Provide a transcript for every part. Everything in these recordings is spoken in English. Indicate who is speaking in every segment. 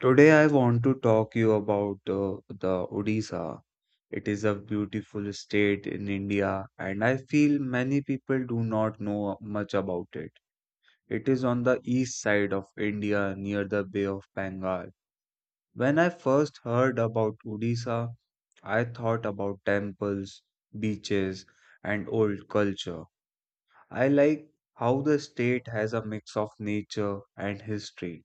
Speaker 1: Today I want to talk you about the Odisha. It is a beautiful state in India and I feel many people do not know much about it. It is on the east side of India near the Bay of Bengal. When I first heard about Odisha, I thought about temples, beaches and old culture. I like how the state has a mix of nature and history.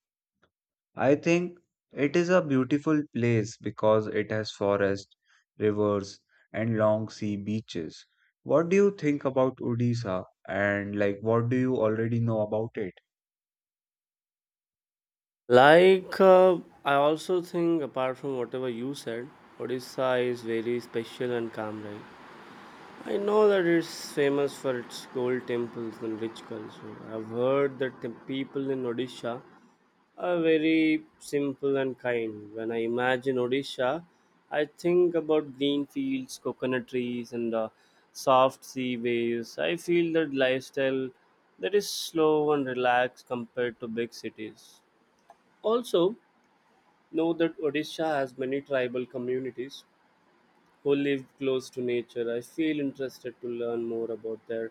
Speaker 1: I think it is a beautiful place because it has forests, rivers, and long sea beaches. What do you think about Odisha? And like, what do you already know about it?
Speaker 2: Like, uh, I also think, apart from whatever you said, Odisha is very special and calm, right? I know that it's famous for its gold temples and rich culture. I've heard that the people in Odisha are very simple and kind. When I imagine Odisha, I think about green fields, coconut trees, and soft sea waves. I feel that lifestyle that is slow and relaxed compared to big cities. Also, Know that Odisha has many tribal communities who live close to nature. I feel interested to learn more about their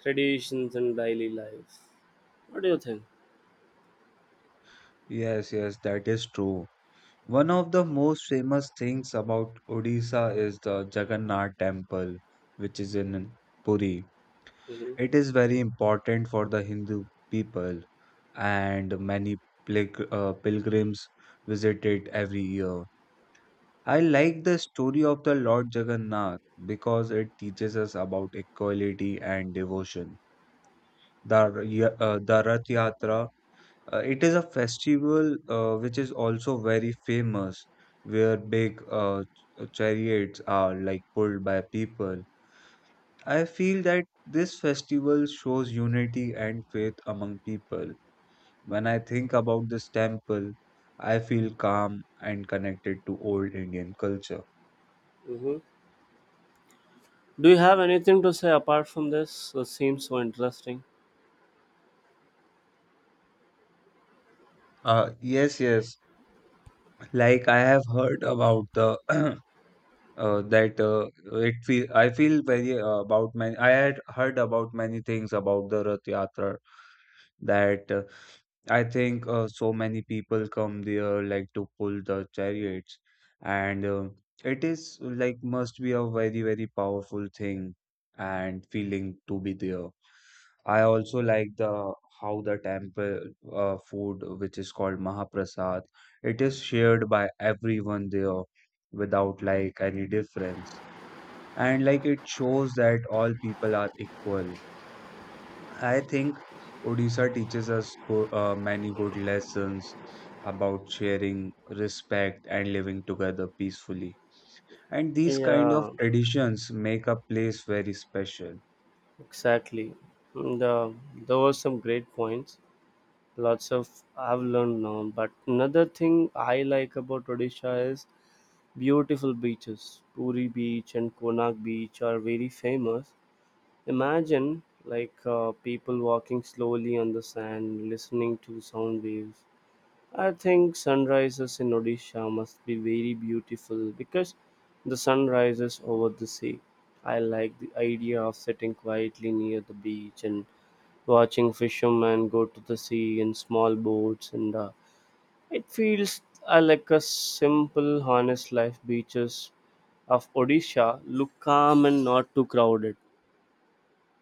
Speaker 2: traditions and daily life. What do you think?
Speaker 1: Yes, yes, that is true. One of the most famous things about Odisha is the Jagannath Temple, which is in Puri.
Speaker 2: Hmm.
Speaker 1: It is very important for the Hindu people, and many pilgrims visit it every year. I like the story of the Lord Jagannath because it teaches us about equality and devotion. The Rath Yatra, it is a festival which is also very famous, where big chariots are like pulled by people. I feel that this festival shows unity and faith among people. When I think about this temple, I feel calm and connected to old Indian culture.
Speaker 2: Hmm. Do you have anything to say apart from this? So, It seems so interesting.
Speaker 1: Yes, yes. Like I have heard about the that it feel I feel very about many I had heard about many things about the Rath Yatra that I think so many people come there like to pull the chariots, and it is like must be a very, very powerful thing and feeling to be there. I also like the how the temple food, which is called Mahaprasad, it is shared by everyone there without like any difference, and like it shows that all people are equal I think Odisha teaches us many good lessons about sharing, respect, and living together peacefully. And these kind of
Speaker 2: Yeah,
Speaker 1: traditions make a place very special.
Speaker 2: exactly. And, there were some great points. Lots of I've learned now. But another thing I like about Odisha is beautiful beaches. Puri Beach and Konark Beach are very famous. Imagine like people walking slowly on the sand, listening to sound waves. I think sunrises in Odisha must be very beautiful because the sun rises over the sea. I like the idea of sitting quietly near the beach and watching fishermen go to the sea in small boats, and it feels like a simple honest life. Beaches of odisha look calm and not too crowded,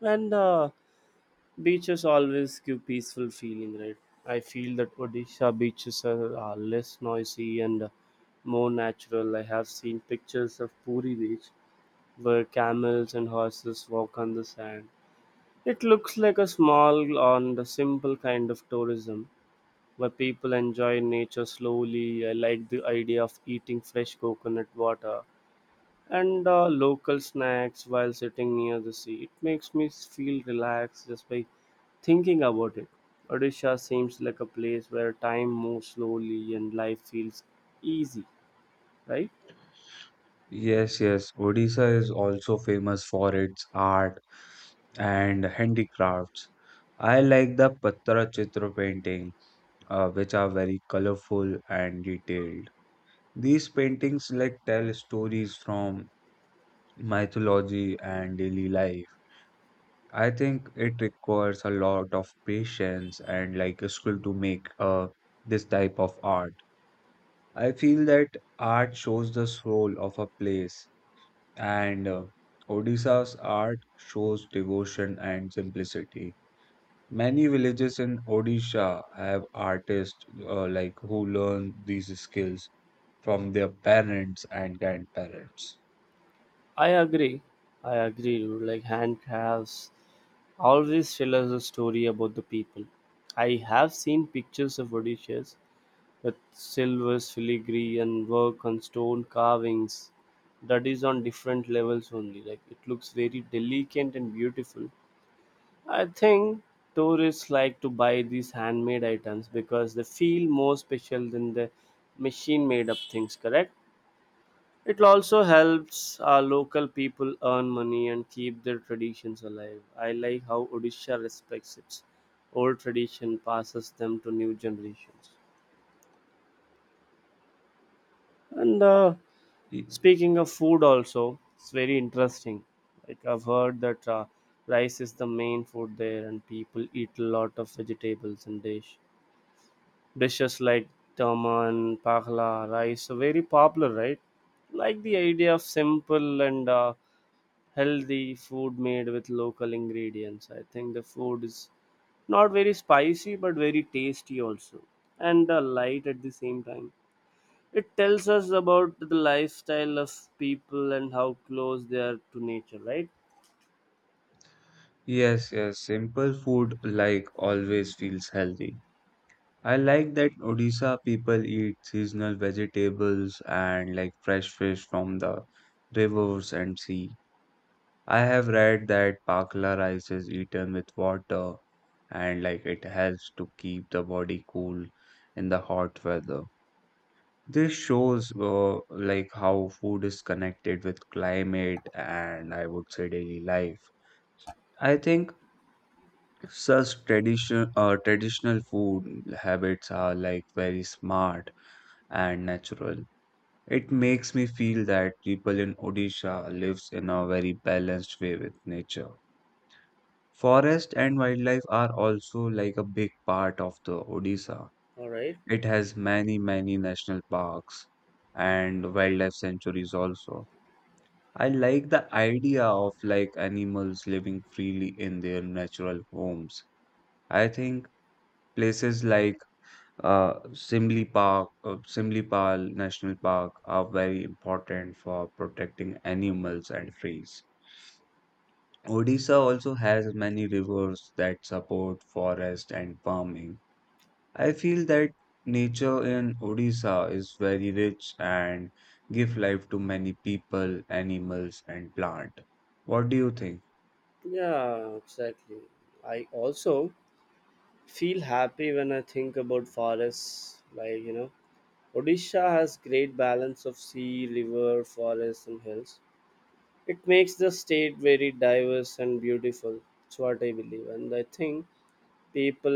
Speaker 2: and beaches always give peaceful feeling, right? I feel that odisha beaches are less noisy and more natural. I have seen pictures of puri beach where camels and horses walk on the sand. It looks like a small and a simple kind of tourism where people enjoy nature slowly. I like the idea of eating fresh coconut water and local snacks while sitting near the sea. It makes me feel relaxed just by thinking about it. Odisha seems like a place where time moves slowly and life feels easy, right?
Speaker 1: Yes, yes, Odisha is also famous for its art and handicrafts. I like the Patra Chitra painting, which are very colorful and detailed. These paintings like tell stories from mythology and daily life. I think it requires a lot of patience and like a skill to make this type of art. I feel that art shows the soul of a place, and Odisha's art shows devotion and simplicity. Many villages in Odisha have artists like who learn these skills from their parents and grandparents.
Speaker 2: I agree. I agree, dude. Like handcrafts always tell us a story about the people. I have seen pictures of Odisha with silver filigree, and work on stone carvings. That is on different levels only. Like it looks very delicate and beautiful. I think tourists like to buy these handmade items because they feel more special than the machine made up things, correct? It also helps our local people earn money and keep their traditions alive. I like how Odisha respects its old tradition, passes them to new generations. And
Speaker 1: Y-
Speaker 2: Speaking of food, also, it's very interesting. Like I've heard that rice is the main food there, and people eat a lot of vegetables and dishes like taman, pakla, rice are very popular, right? Like the idea of simple and healthy food made with local ingredients. I think the food is not very spicy but very tasty also, and light at the same time. It tells us about the lifestyle of people and how close they are to nature, right?
Speaker 1: Yes, yes, simple food like always feels healthy. I like that Odisha people eat seasonal vegetables and like fresh fish from the rivers and sea. I have read that pakla rice is eaten with water and like it helps to keep the body cool in the hot weather. This shows like how food is connected with climate and I would say daily life. I think such traditional food habits are like very smart and natural. It makes me feel that people in Odisha lives in a very balanced way with nature. Forest and wildlife are also like a big part of the Odisha.
Speaker 2: All right.
Speaker 1: It has many, many national parks and wildlife sanctuaries also. I like the idea of like animals living freely in their natural homes. I think places like Simlipal National Park are very important for protecting animals and trees. Odisha also has many rivers that support forest and farming. I feel that nature in Odisha is very rich and give life to many people, animals, and plant. What do you think?
Speaker 2: Yeah, exactly. I also feel happy when I think about forests. Like, you know, Odisha has great balance of sea, river, forests and hills. It makes the state very diverse and beautiful. That's what I believe. And I think people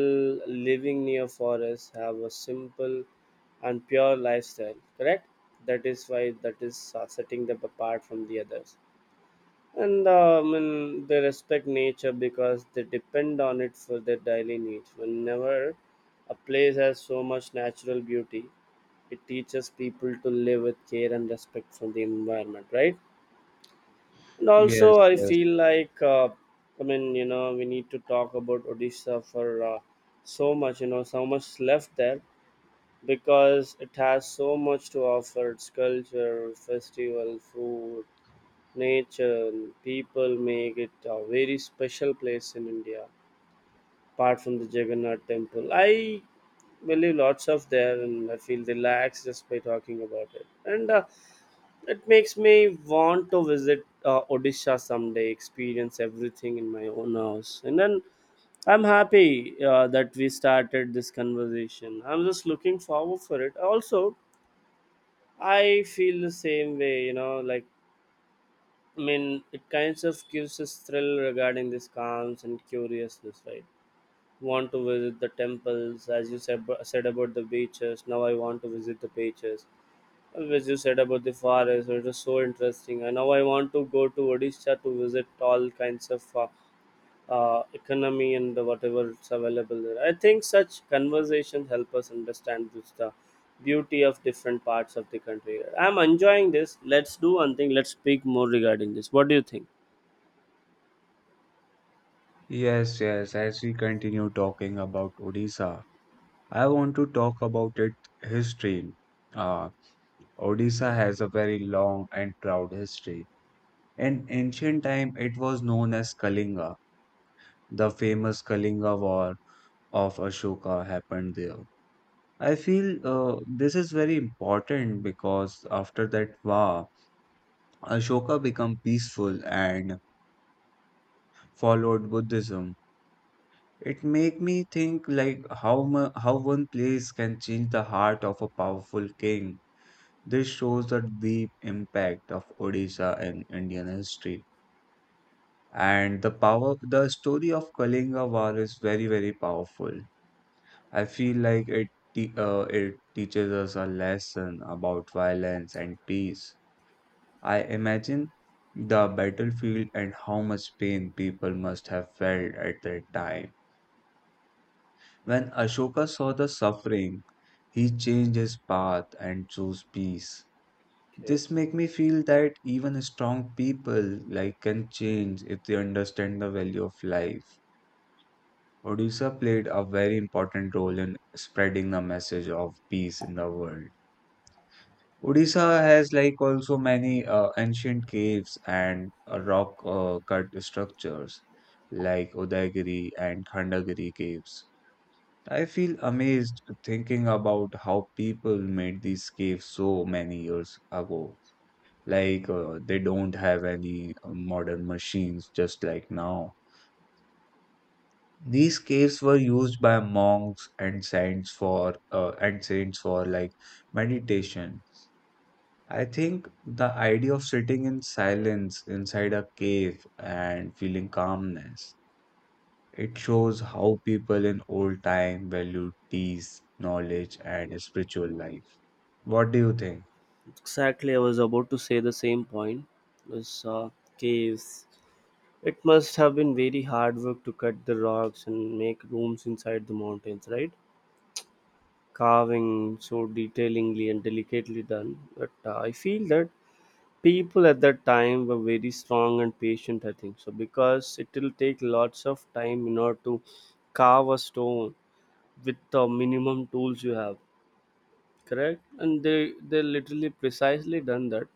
Speaker 2: living near forests have a simple and pure lifestyle, correct? That is why that is setting them apart from the others, and they respect nature because they depend on it for their daily needs. Whenever a place has so much natural beauty, it teaches people to live with care and respect for the environment, right? And also
Speaker 1: Yes,
Speaker 2: I
Speaker 1: yes.
Speaker 2: feel like I mean, you know, we need to talk about odisha for uh, so much, you know, so much left there, because it has so much to offer. Its culture, festival, food, nature and people make it a very special place in india, apart from the jagannath temple. I believe lots of there, and I feel relaxed just by talking about it, and it makes me want to visit Odisha someday, experience everything in my own house. And then I'm happy that we started this conversation. I'm just looking forward for it. Also, I feel the same way, you know, like, I mean, it kind of gives us thrill regarding this calms and curiousness, right? Want to visit the temples, as you said, said about the beaches. Now I want to visit the beaches. Which you said about the forest, it was so interesting. And now I want to go to Odisha to visit all kinds of economy and whatever is available there. I think such conversations help us understand this, the beauty of different parts of the country. I'm enjoying this. Let's do one thing. Let's speak more regarding this. What do you think?
Speaker 1: Yes, yes. As we continue talking about Odisha, I want to talk about it history. Uh, Odisha has a very long and proud history. In ancient time, it was known as Kalinga. The famous Kalinga War of Ashoka happened there. I feel this is very important because after that war, Ashoka became peaceful and followed Buddhism. It make me think like how one place can change the heart of a powerful king. This shows the deep impact of Odisha in Indian history. And the power, the story of Kalinga War is very, very powerful. I feel like it teaches us a lesson about violence and peace. I imagine the battlefield and how much pain people must have felt at that time. When Ashoka saw the suffering, he changed his path and chose peace.
Speaker 2: Okay.
Speaker 1: This make me feel that even strong people like can change if they understand the value of life. Odisha played a very important role in spreading the message of peace in the world. Odisha has like also many ancient caves and rock cut structures like Udayagiri and Khandagiri caves. I feel amazed thinking about how people made these caves so many years ago like they don't have any modern machines just like now. These caves were used by monks and saints for like meditation. I think the idea of sitting in silence inside a cave and feeling calmness, it shows how people in old time valued peace, knowledge and spiritual life. What do you think?
Speaker 2: Exactly, I was about to say the same point. Was caves. It must have been very hard work to cut the rocks and make rooms inside the mountains, right? Carving so detailingly and delicately done. But I feel that people at that time were very strong and patient, I think. So because it will take lots of time in order to carve a stone with the minimum tools you have, correct? And they literally precisely done that.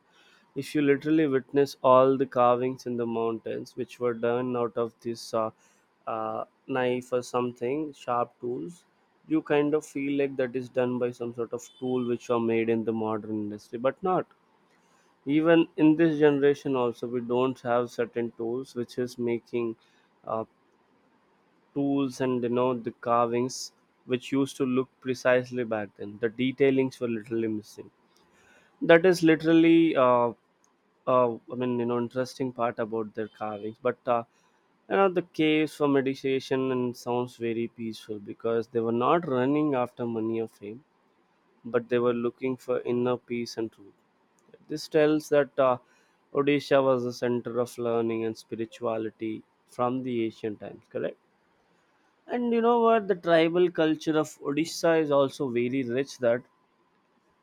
Speaker 2: If you literally witness all the carvings in the mountains, which were done out of this knife or something, sharp tools, you kind of feel like that is done by some sort of tool which are made in the modern industry, but not. Even in this generation, also, we don't have certain tools which is making uh, tools, and you know the carvings which used to look precisely back then. The detailings were literally missing. That is literally I mean, you know, interesting part about their carvings. But you know, the caves for meditation and sounds very peaceful because they were not running after money or fame, but they were looking for inner peace and truth. This tells that Odisha was the center of learning and spirituality from the ancient times. Correct. And you know what? The tribal culture of Odisha is also very rich. That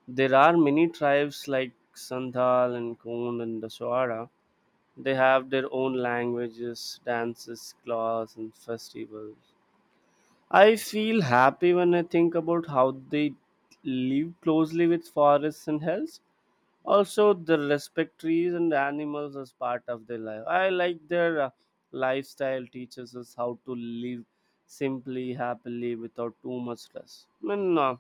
Speaker 2: there are many tribes like Sandhal and Kond and Daswara. They have their own languages, dances, claws, and festivals. I feel happy when I think about how they live closely with forests and hills. Also, they respect trees and animals as part of their life. I like their lifestyle teaches us how to live simply, happily, without too much stress. I mean,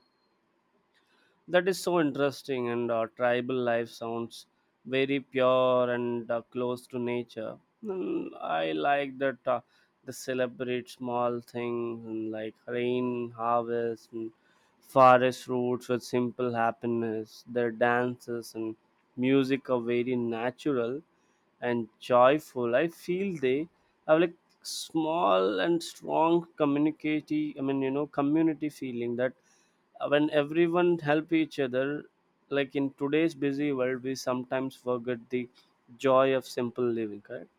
Speaker 2: that is so interesting, and tribal life sounds very pure and close to nature. I like that they celebrate small things and like rain, harvest, and forest roots with simple happiness. Their dances and music are very natural, and joyful. I feel they have like small and strong community. I mean, you know, community feeling that when everyone help each other, like in today's busy world, we sometimes forget the joy of simple living. Correct.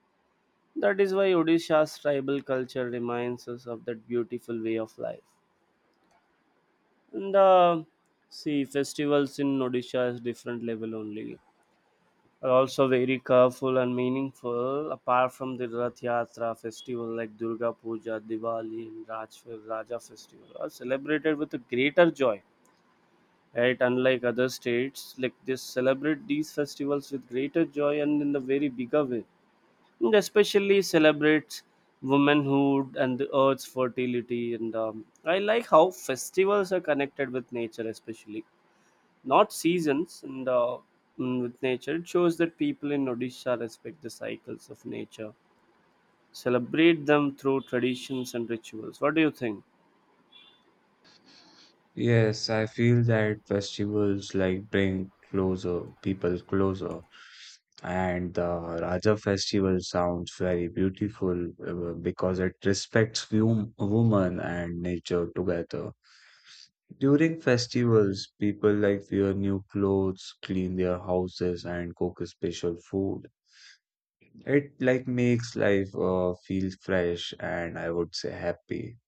Speaker 2: That is why Odisha's tribal culture reminds us of that beautiful way of life. And see, festivals in Odisha is different level only, are also very colorful and meaningful. Apart from the Rath Yatra festival, like Durga Puja, Diwali, and Raja festival are celebrated with a greater joy. Right, unlike other states, like they celebrate these festivals with greater joy and in a very bigger way. And especially celebrates womanhood and the earth's fertility. And I like how festivals are connected with nature, especially not seasons, and with nature it shows that people in odisha respect the cycles of nature, celebrate them through traditions and rituals. What do you think?
Speaker 1: Yes, I feel that festivals like bring closer people closer, and the Raja festival sounds very beautiful because it respects woman and nature together. During festivals, people like wear new clothes, clean their houses, and cook special food. It like makes life feel fresh and I would say happy.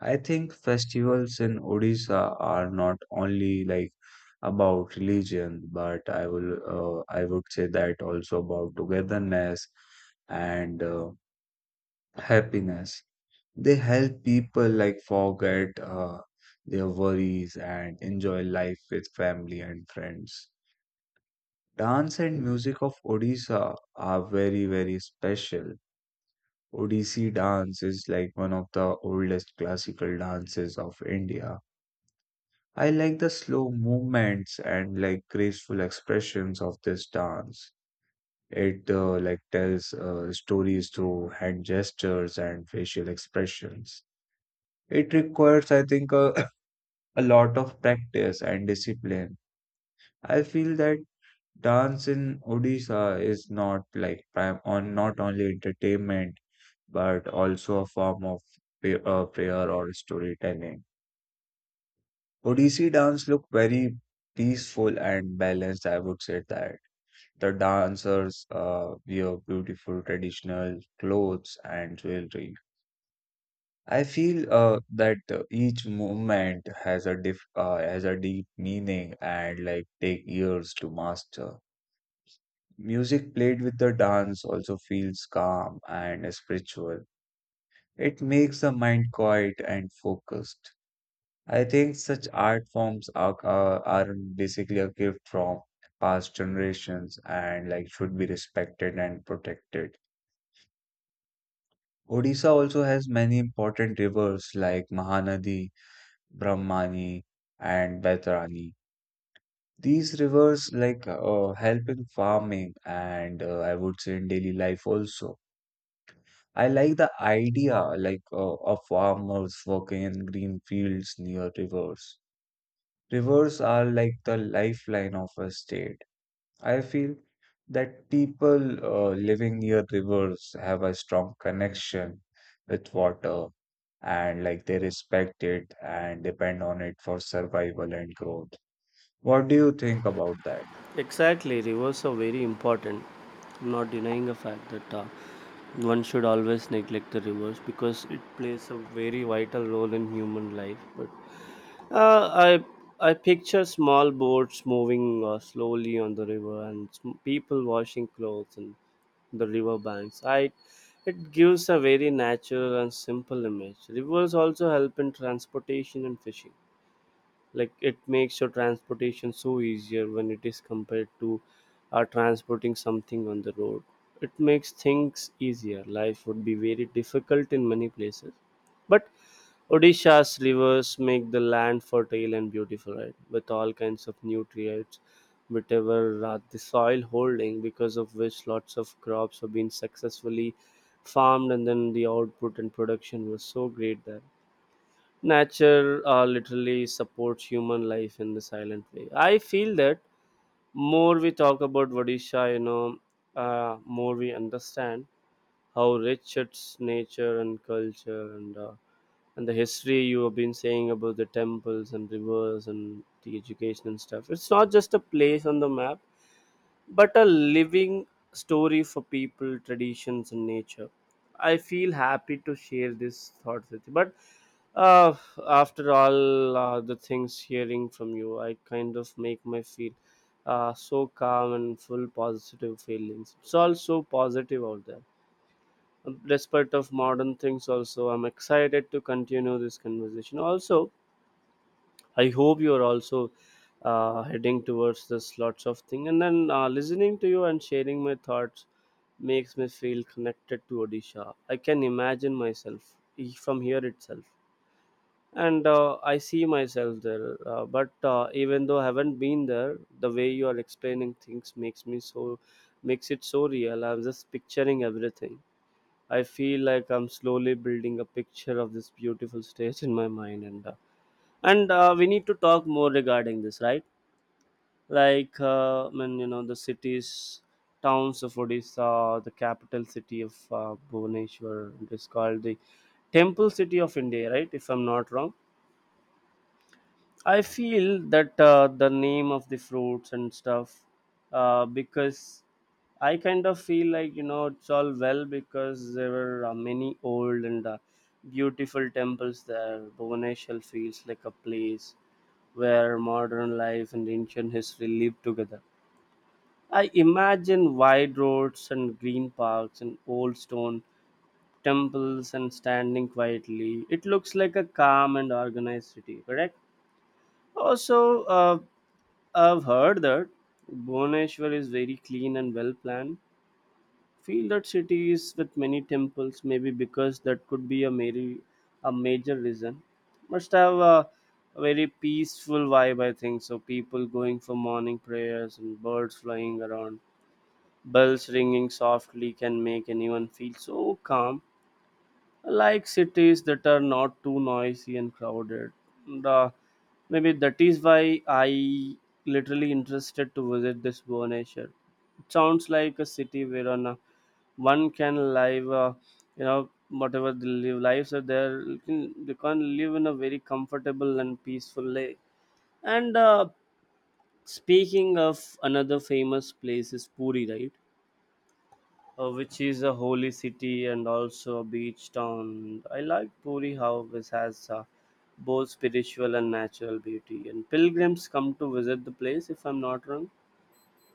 Speaker 1: I think festivals in Odisha are not only like about religion, but I would say that also about togetherness and happiness. They help people like forget their worries and enjoy life with family and friends. Dance and music of Odisha are very, very special. Odissi dance is like one of the oldest classical dances of India. I like the slow movements and like graceful expressions of this dance. It like tells stories through hand gestures and facial expressions. It requires, I think, a, a lot of practice and discipline. I feel that dance in Odisha is not like prime on not only entertainment but also a form of prayer or storytelling. Odissi dance look very peaceful and balanced. I would say that the dancers wear beautiful traditional clothes and jewelry. I feel that each movement has a diff has a deep meaning and like take years to master. Music played with the dance also feels calm and spiritual. It makes the mind quiet and focused. I think such art forms are basically a gift from past generations and like should be respected and protected. Odisha also has many important rivers like Mahanadi, Brahmani, and Baitarani. These rivers like help in farming and I would say in daily life also. I like the idea like of farmers working in green fields near rivers. Rivers are like the lifeline of a state. I feel that people living near rivers have a strong connection with water and like they respect it and depend on it for survival and growth. What do you think about that?
Speaker 2: Exactly, rivers are very important. I'm not denying the fact that one should always neglect the rivers because it plays a very vital role in human life. But uh, I picture small boats moving slowly on the river, and people washing clothes and the river banks. I, it gives a very natural and simple image. Rivers also help in transportation and fishing. Like it makes your transportation so easier when it is compared to transporting something on the road. It makes things easier. Life would be very difficult in many places, but Odisha's rivers make the land fertile and beautiful, right? With all kinds of nutrients, whatever the soil holding, because of which lots of crops have been successfully farmed, and then the output and production was so great there. Nature literally supports human life in the silent way. I feel that more we talk about Odisha, you know, more we understand how rich its nature and culture and the history you have been saying about the temples and rivers and the education and stuff. It's not just a place on the map, but a living story for people, traditions, and nature. I feel happy to share this thought with you. But uh, after all, the things hearing from you, I kind of make my feel so calm and full positive feelings. It's all so positive out there despite of modern things also. I'm excited to continue this conversation also. I hope you're also heading towards this lots of thing, and then listening to you and sharing my thoughts makes me feel connected to Odisha. I can imagine myself from here itself, and I see myself there, but even though I haven't been there, the way you are explaining things makes me so, makes it so real. I'm just picturing everything. I feel like I'm slowly building a picture of this beautiful stage in my mind, and and we need to talk more regarding this, right? Like, when you know the cities, towns of Odisha, the capital city of Bhubaneswar, it is called the temple city of India, right? If I'm not wrong, I feel that the name of the fruits and stuff, because I kind of feel like, you know, it's all well because there were many old and beautiful temples there. Bhubaneswar feels like a place where modern life and ancient history live together. I imagine wide roads and green parks and old stone temples and standing quietly. It looks like a calm and organized city, correct? Also, I've heard that Bhubaneswar is very clean and well planned. Feel that city is with many temples, maybe because that could be a very, a major reason. Must have a very peaceful vibe, I think. So people going for morning prayers and birds flying around, bells ringing softly can make anyone feel so calm, like cities that are not too noisy and crowded. The, maybe that is why I literally interested to visit this Vonesha. It sounds like a city where on a, one can live, you know, whatever the live lives are there, you can live in a very comfortable and peaceful way. And speaking of another famous place is Puri, right? Which is a holy city and also a beach town. I like Puri how this has both spiritual and natural beauty. And pilgrims come to visit the place, if I'm not wrong.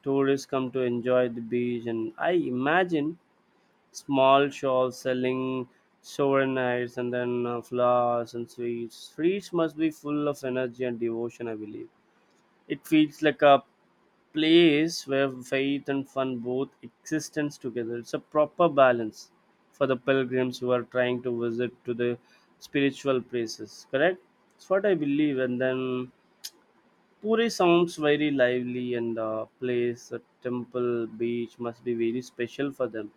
Speaker 2: Tourists come to enjoy the beach, and I imagine small shops selling souvenirs and then flowers and sweets. Streets must be full of energy and devotion, I believe. It feels like a place where faith and fun both existence together. It's a proper balance for the pilgrims who are trying to visit to the spiritual places. Correct? It's what I believe. And then Puri sounds very lively, and the place, the temple, beach must be very special for them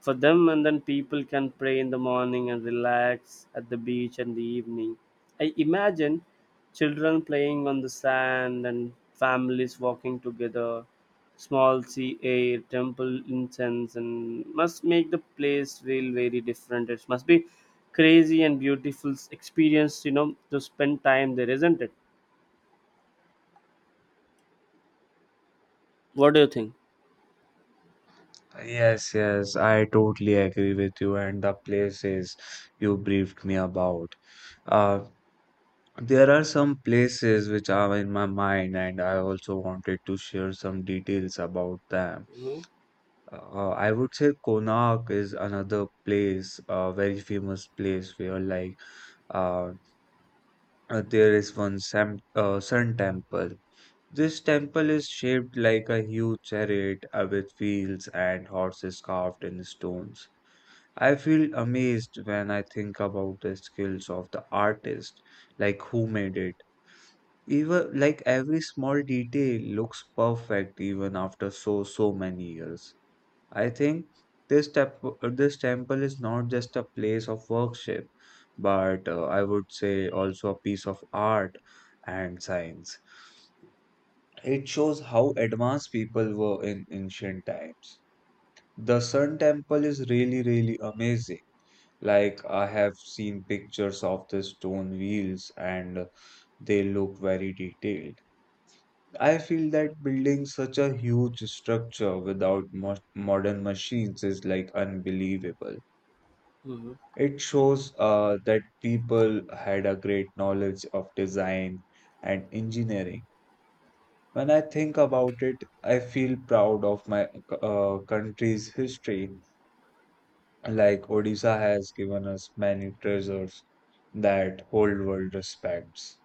Speaker 2: for them and then people can pray in the morning and relax at the beach in the evening. I imagine children playing on the sand and families walking together. Small sea air, temple incense, and must make the place feel very different. It must be crazy and beautiful experience, you know, to spend time there, isn't it? What do you think?
Speaker 1: Yes, yes, I totally agree with you and the places you briefed me about. Uh, there are some places which are in my mind and I also wanted to share some details about them.
Speaker 2: Mm-hmm.
Speaker 1: I would say Konark is another place, a very famous place where, like, uh, there is one sam sun temple. This temple is shaped like a huge chariot with wheels and horses carved in stones. I feel amazed when I think about the skills of the artist, like who made it. Even like every small detail looks perfect even after so so many years. I think this temple is not just a place of worship, but I would say also a piece of art and science. It shows how advanced people were in ancient times. The Sun Temple is really, really amazing. Like, I have seen pictures of the stone wheels and they look very detailed. I feel that building such a huge structure without mo modern machines is like unbelievable.
Speaker 2: Mm-hmm.
Speaker 1: It shows that people had a great knowledge of design and engineering. When I think about it, I feel proud of my country's history. Like Odisha has given us many treasures that whole world respects.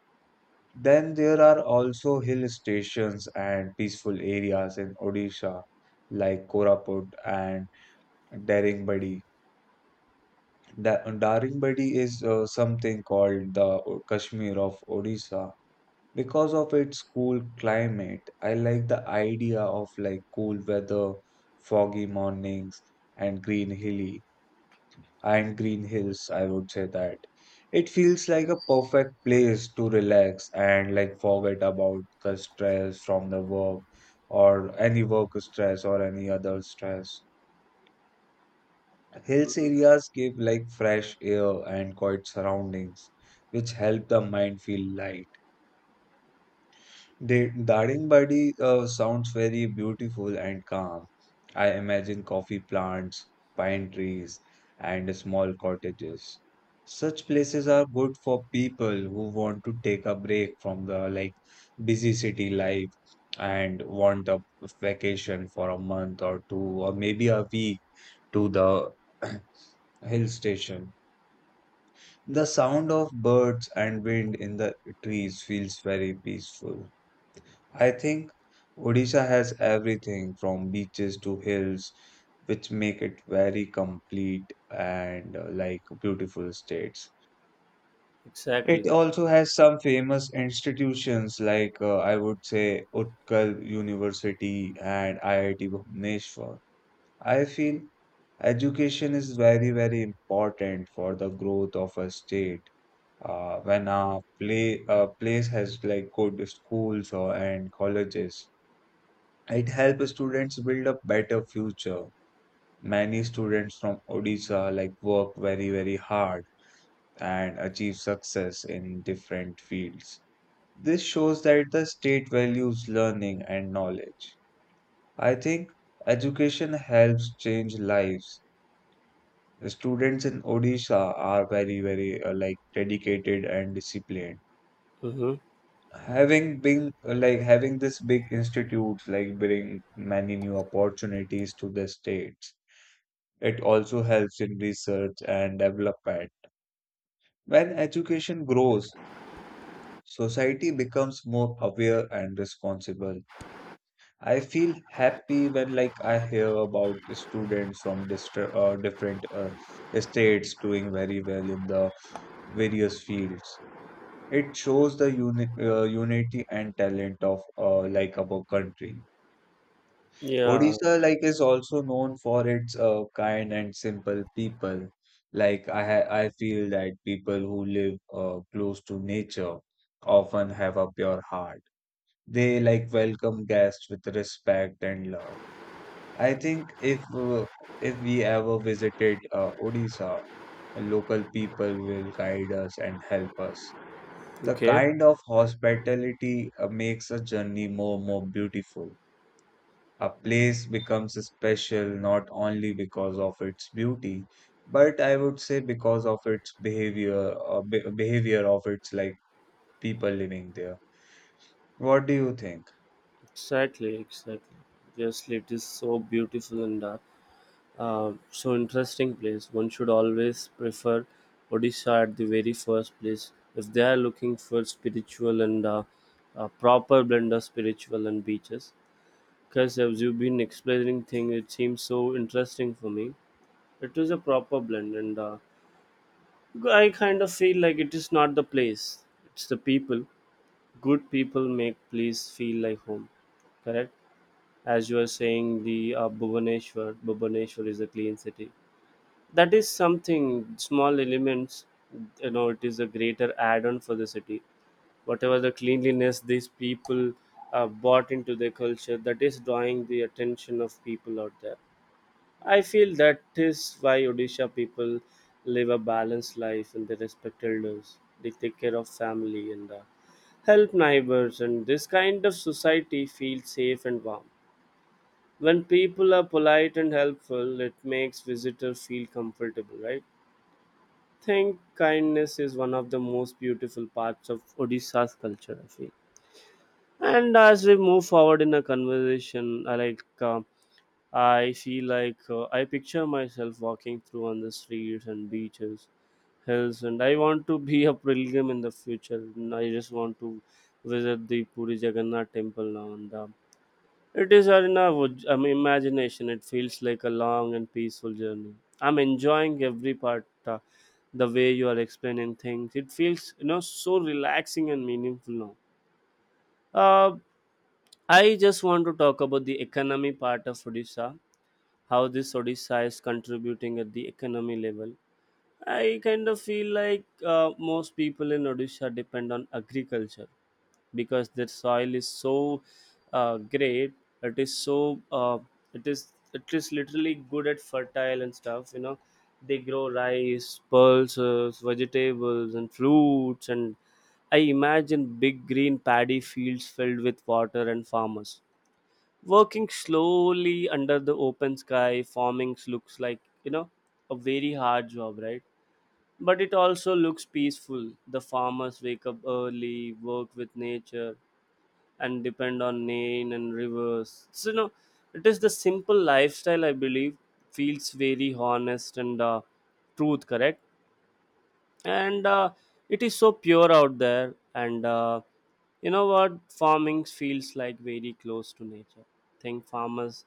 Speaker 1: Then there are also hill stations and peaceful areas in Odisha, like Koraput and Daringbadi. Daringbadi is something called the Kashmir of Odisha. Because of its cool climate, I like the idea of like cool weather, foggy mornings, and green hilly and green hills, I would say that. It feels like a perfect place to relax and like forget about the stress from the work or any work stress or any other stress. Hills areas give like fresh air and quiet surroundings, which help the mind feel light. The Daringbadi sounds very beautiful and calm. I imagine coffee plants, pine trees, and small cottages. Such places are good for people who want to take a break from the like busy city life and want a vacation for a month or two or maybe a week to the hill station. The sound of birds and wind in the trees feels very peaceful. I think Odisha has everything from beaches to hills, which make it very complete and like beautiful states.
Speaker 2: Exactly.
Speaker 1: It also has some famous institutions like I would say Utkal University and IIT Bhubaneswar. I feel education is very, very important for the growth of a state when a place has like good schools or and colleges, it helps students build a better future. Many students from Odisha like work very very hard and achieve success in different fields. This shows that the state values learning and knowledge. I think education helps change lives. The students in Odisha are very very like dedicated and disciplined,
Speaker 2: Mm-hmm.
Speaker 1: having been like having this big institutes like bring many new opportunities to the states. It also helps in research and development. When education grows, society becomes more aware and responsible. I feel happy when like I hear about students from different states doing very well in the various fields. It shows the unity and talent of like our country.
Speaker 2: Yeah.
Speaker 1: Odisha, like, is also known for its kind and simple people. Like, I feel that people who live close to nature often have a pure heart. They like welcome guests with respect and love. I think if we ever visited Odisha, local people will guide us and help us. The
Speaker 2: Okay.
Speaker 1: kind of hospitality makes a journey more beautiful. A place becomes special not only because of its beauty, but I would say because of its behavior, behavior of its like people living there. What do you think?
Speaker 2: Exactly, exactly. Obviously, it is so beautiful and so interesting place. One should always prefer Odisha at the very first place if they are looking for spiritual and proper blend of spiritual and beaches. Because as you've been explaining thing, it seems so interesting for me. It is a proper blend, and I kind of feel like it is not the place; it's the people. Good people make place feel like home. Correct. As you are saying, the Bhubaneswar is a clean city. That is something small elements, you know. It is a greater add-on for the city, whatever the cleanliness these people bought into their culture. That is drawing the attention of people out there. I feel that is why Odisha people live a balanced life, and they respect elders, they take care of family, and help neighbors, and this kind of society feels safe and warm. When people are polite and helpful, it makes visitor feel comfortable, right? Think kindness is one of the most beautiful parts of Odisha's culture, I feel. And as we move forward in a conversation, I like, I feel like, I picture myself walking through on the streets and beaches, hills, and I want to be a pilgrim in the future. And I just want to visit the Puri Jagannath temple now, and it is Arnavud. I mean, imagination. It feels like a long and peaceful journey. I'm enjoying every part, the way you are explaining things. It feels, you know, so relaxing and meaningful now. Uh, I just want to talk about the economy part of Odisha, how this Odisha is contributing at the economy level. I kind of feel like most people in Odisha depend on agriculture because the soil is so great. It is so, it is literally good at fertile and stuff, you know. They grow rice, pulses, vegetables, and fruits, and I imagine big green paddy fields filled with water and farmers working slowly under the open sky. Farming looks like, you know, a very hard job, right? But it also looks peaceful. The farmers wake up early, work with nature, and depend on rain and rivers. So, you know, it is the simple lifestyle, I believe, feels very honest and truth, correct? And it is so pure out there. And you know what? Farming feels like very close to nature. Think farmers,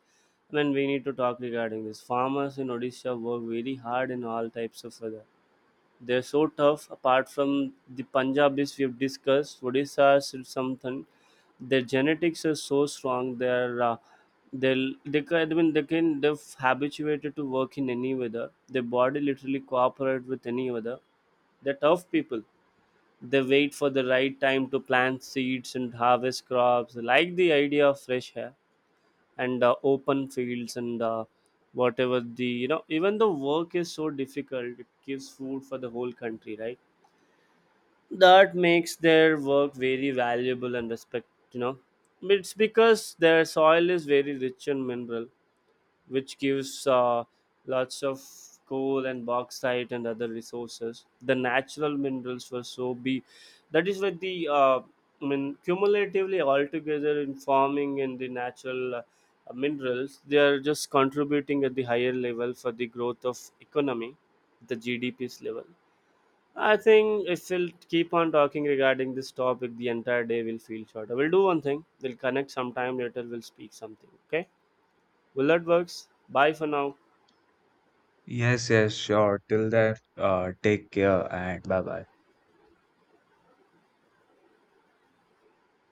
Speaker 2: I mean, we need to talk regarding this. Farmers in Odisha work very hard in all types of weather. They're so tough. Apart from the Punjabis we've discussed, Odissa's is something. Their genetics are so strong. They're they'll, they can, I mean, they can, they are habituated to work in any weather. Their body literally cooperate with any weather. They're tough people. They wait for the right time to plant seeds and harvest crops. They like the idea of fresh air and open fields, and whatever the, you know, even the work is so difficult. It gives food for the whole country, right? That makes their work very valuable and respect, you know. It's because their soil is very rich in mineral, which gives lots of coal and bauxite and other resources. The natural minerals were so be, that is why the, I mean cumulatively altogether in farming and the natural minerals, they are just contributing at the higher level for the growth of economy, the GDP's level. I think if we'll keep on talking regarding this topic, the entire day will feel shorter. We'll do one thing. We'll connect sometime later. We'll speak something. Okay. Will that works? Bye for now.
Speaker 1: Yes, yes, sure. Till then, take care and bye bye.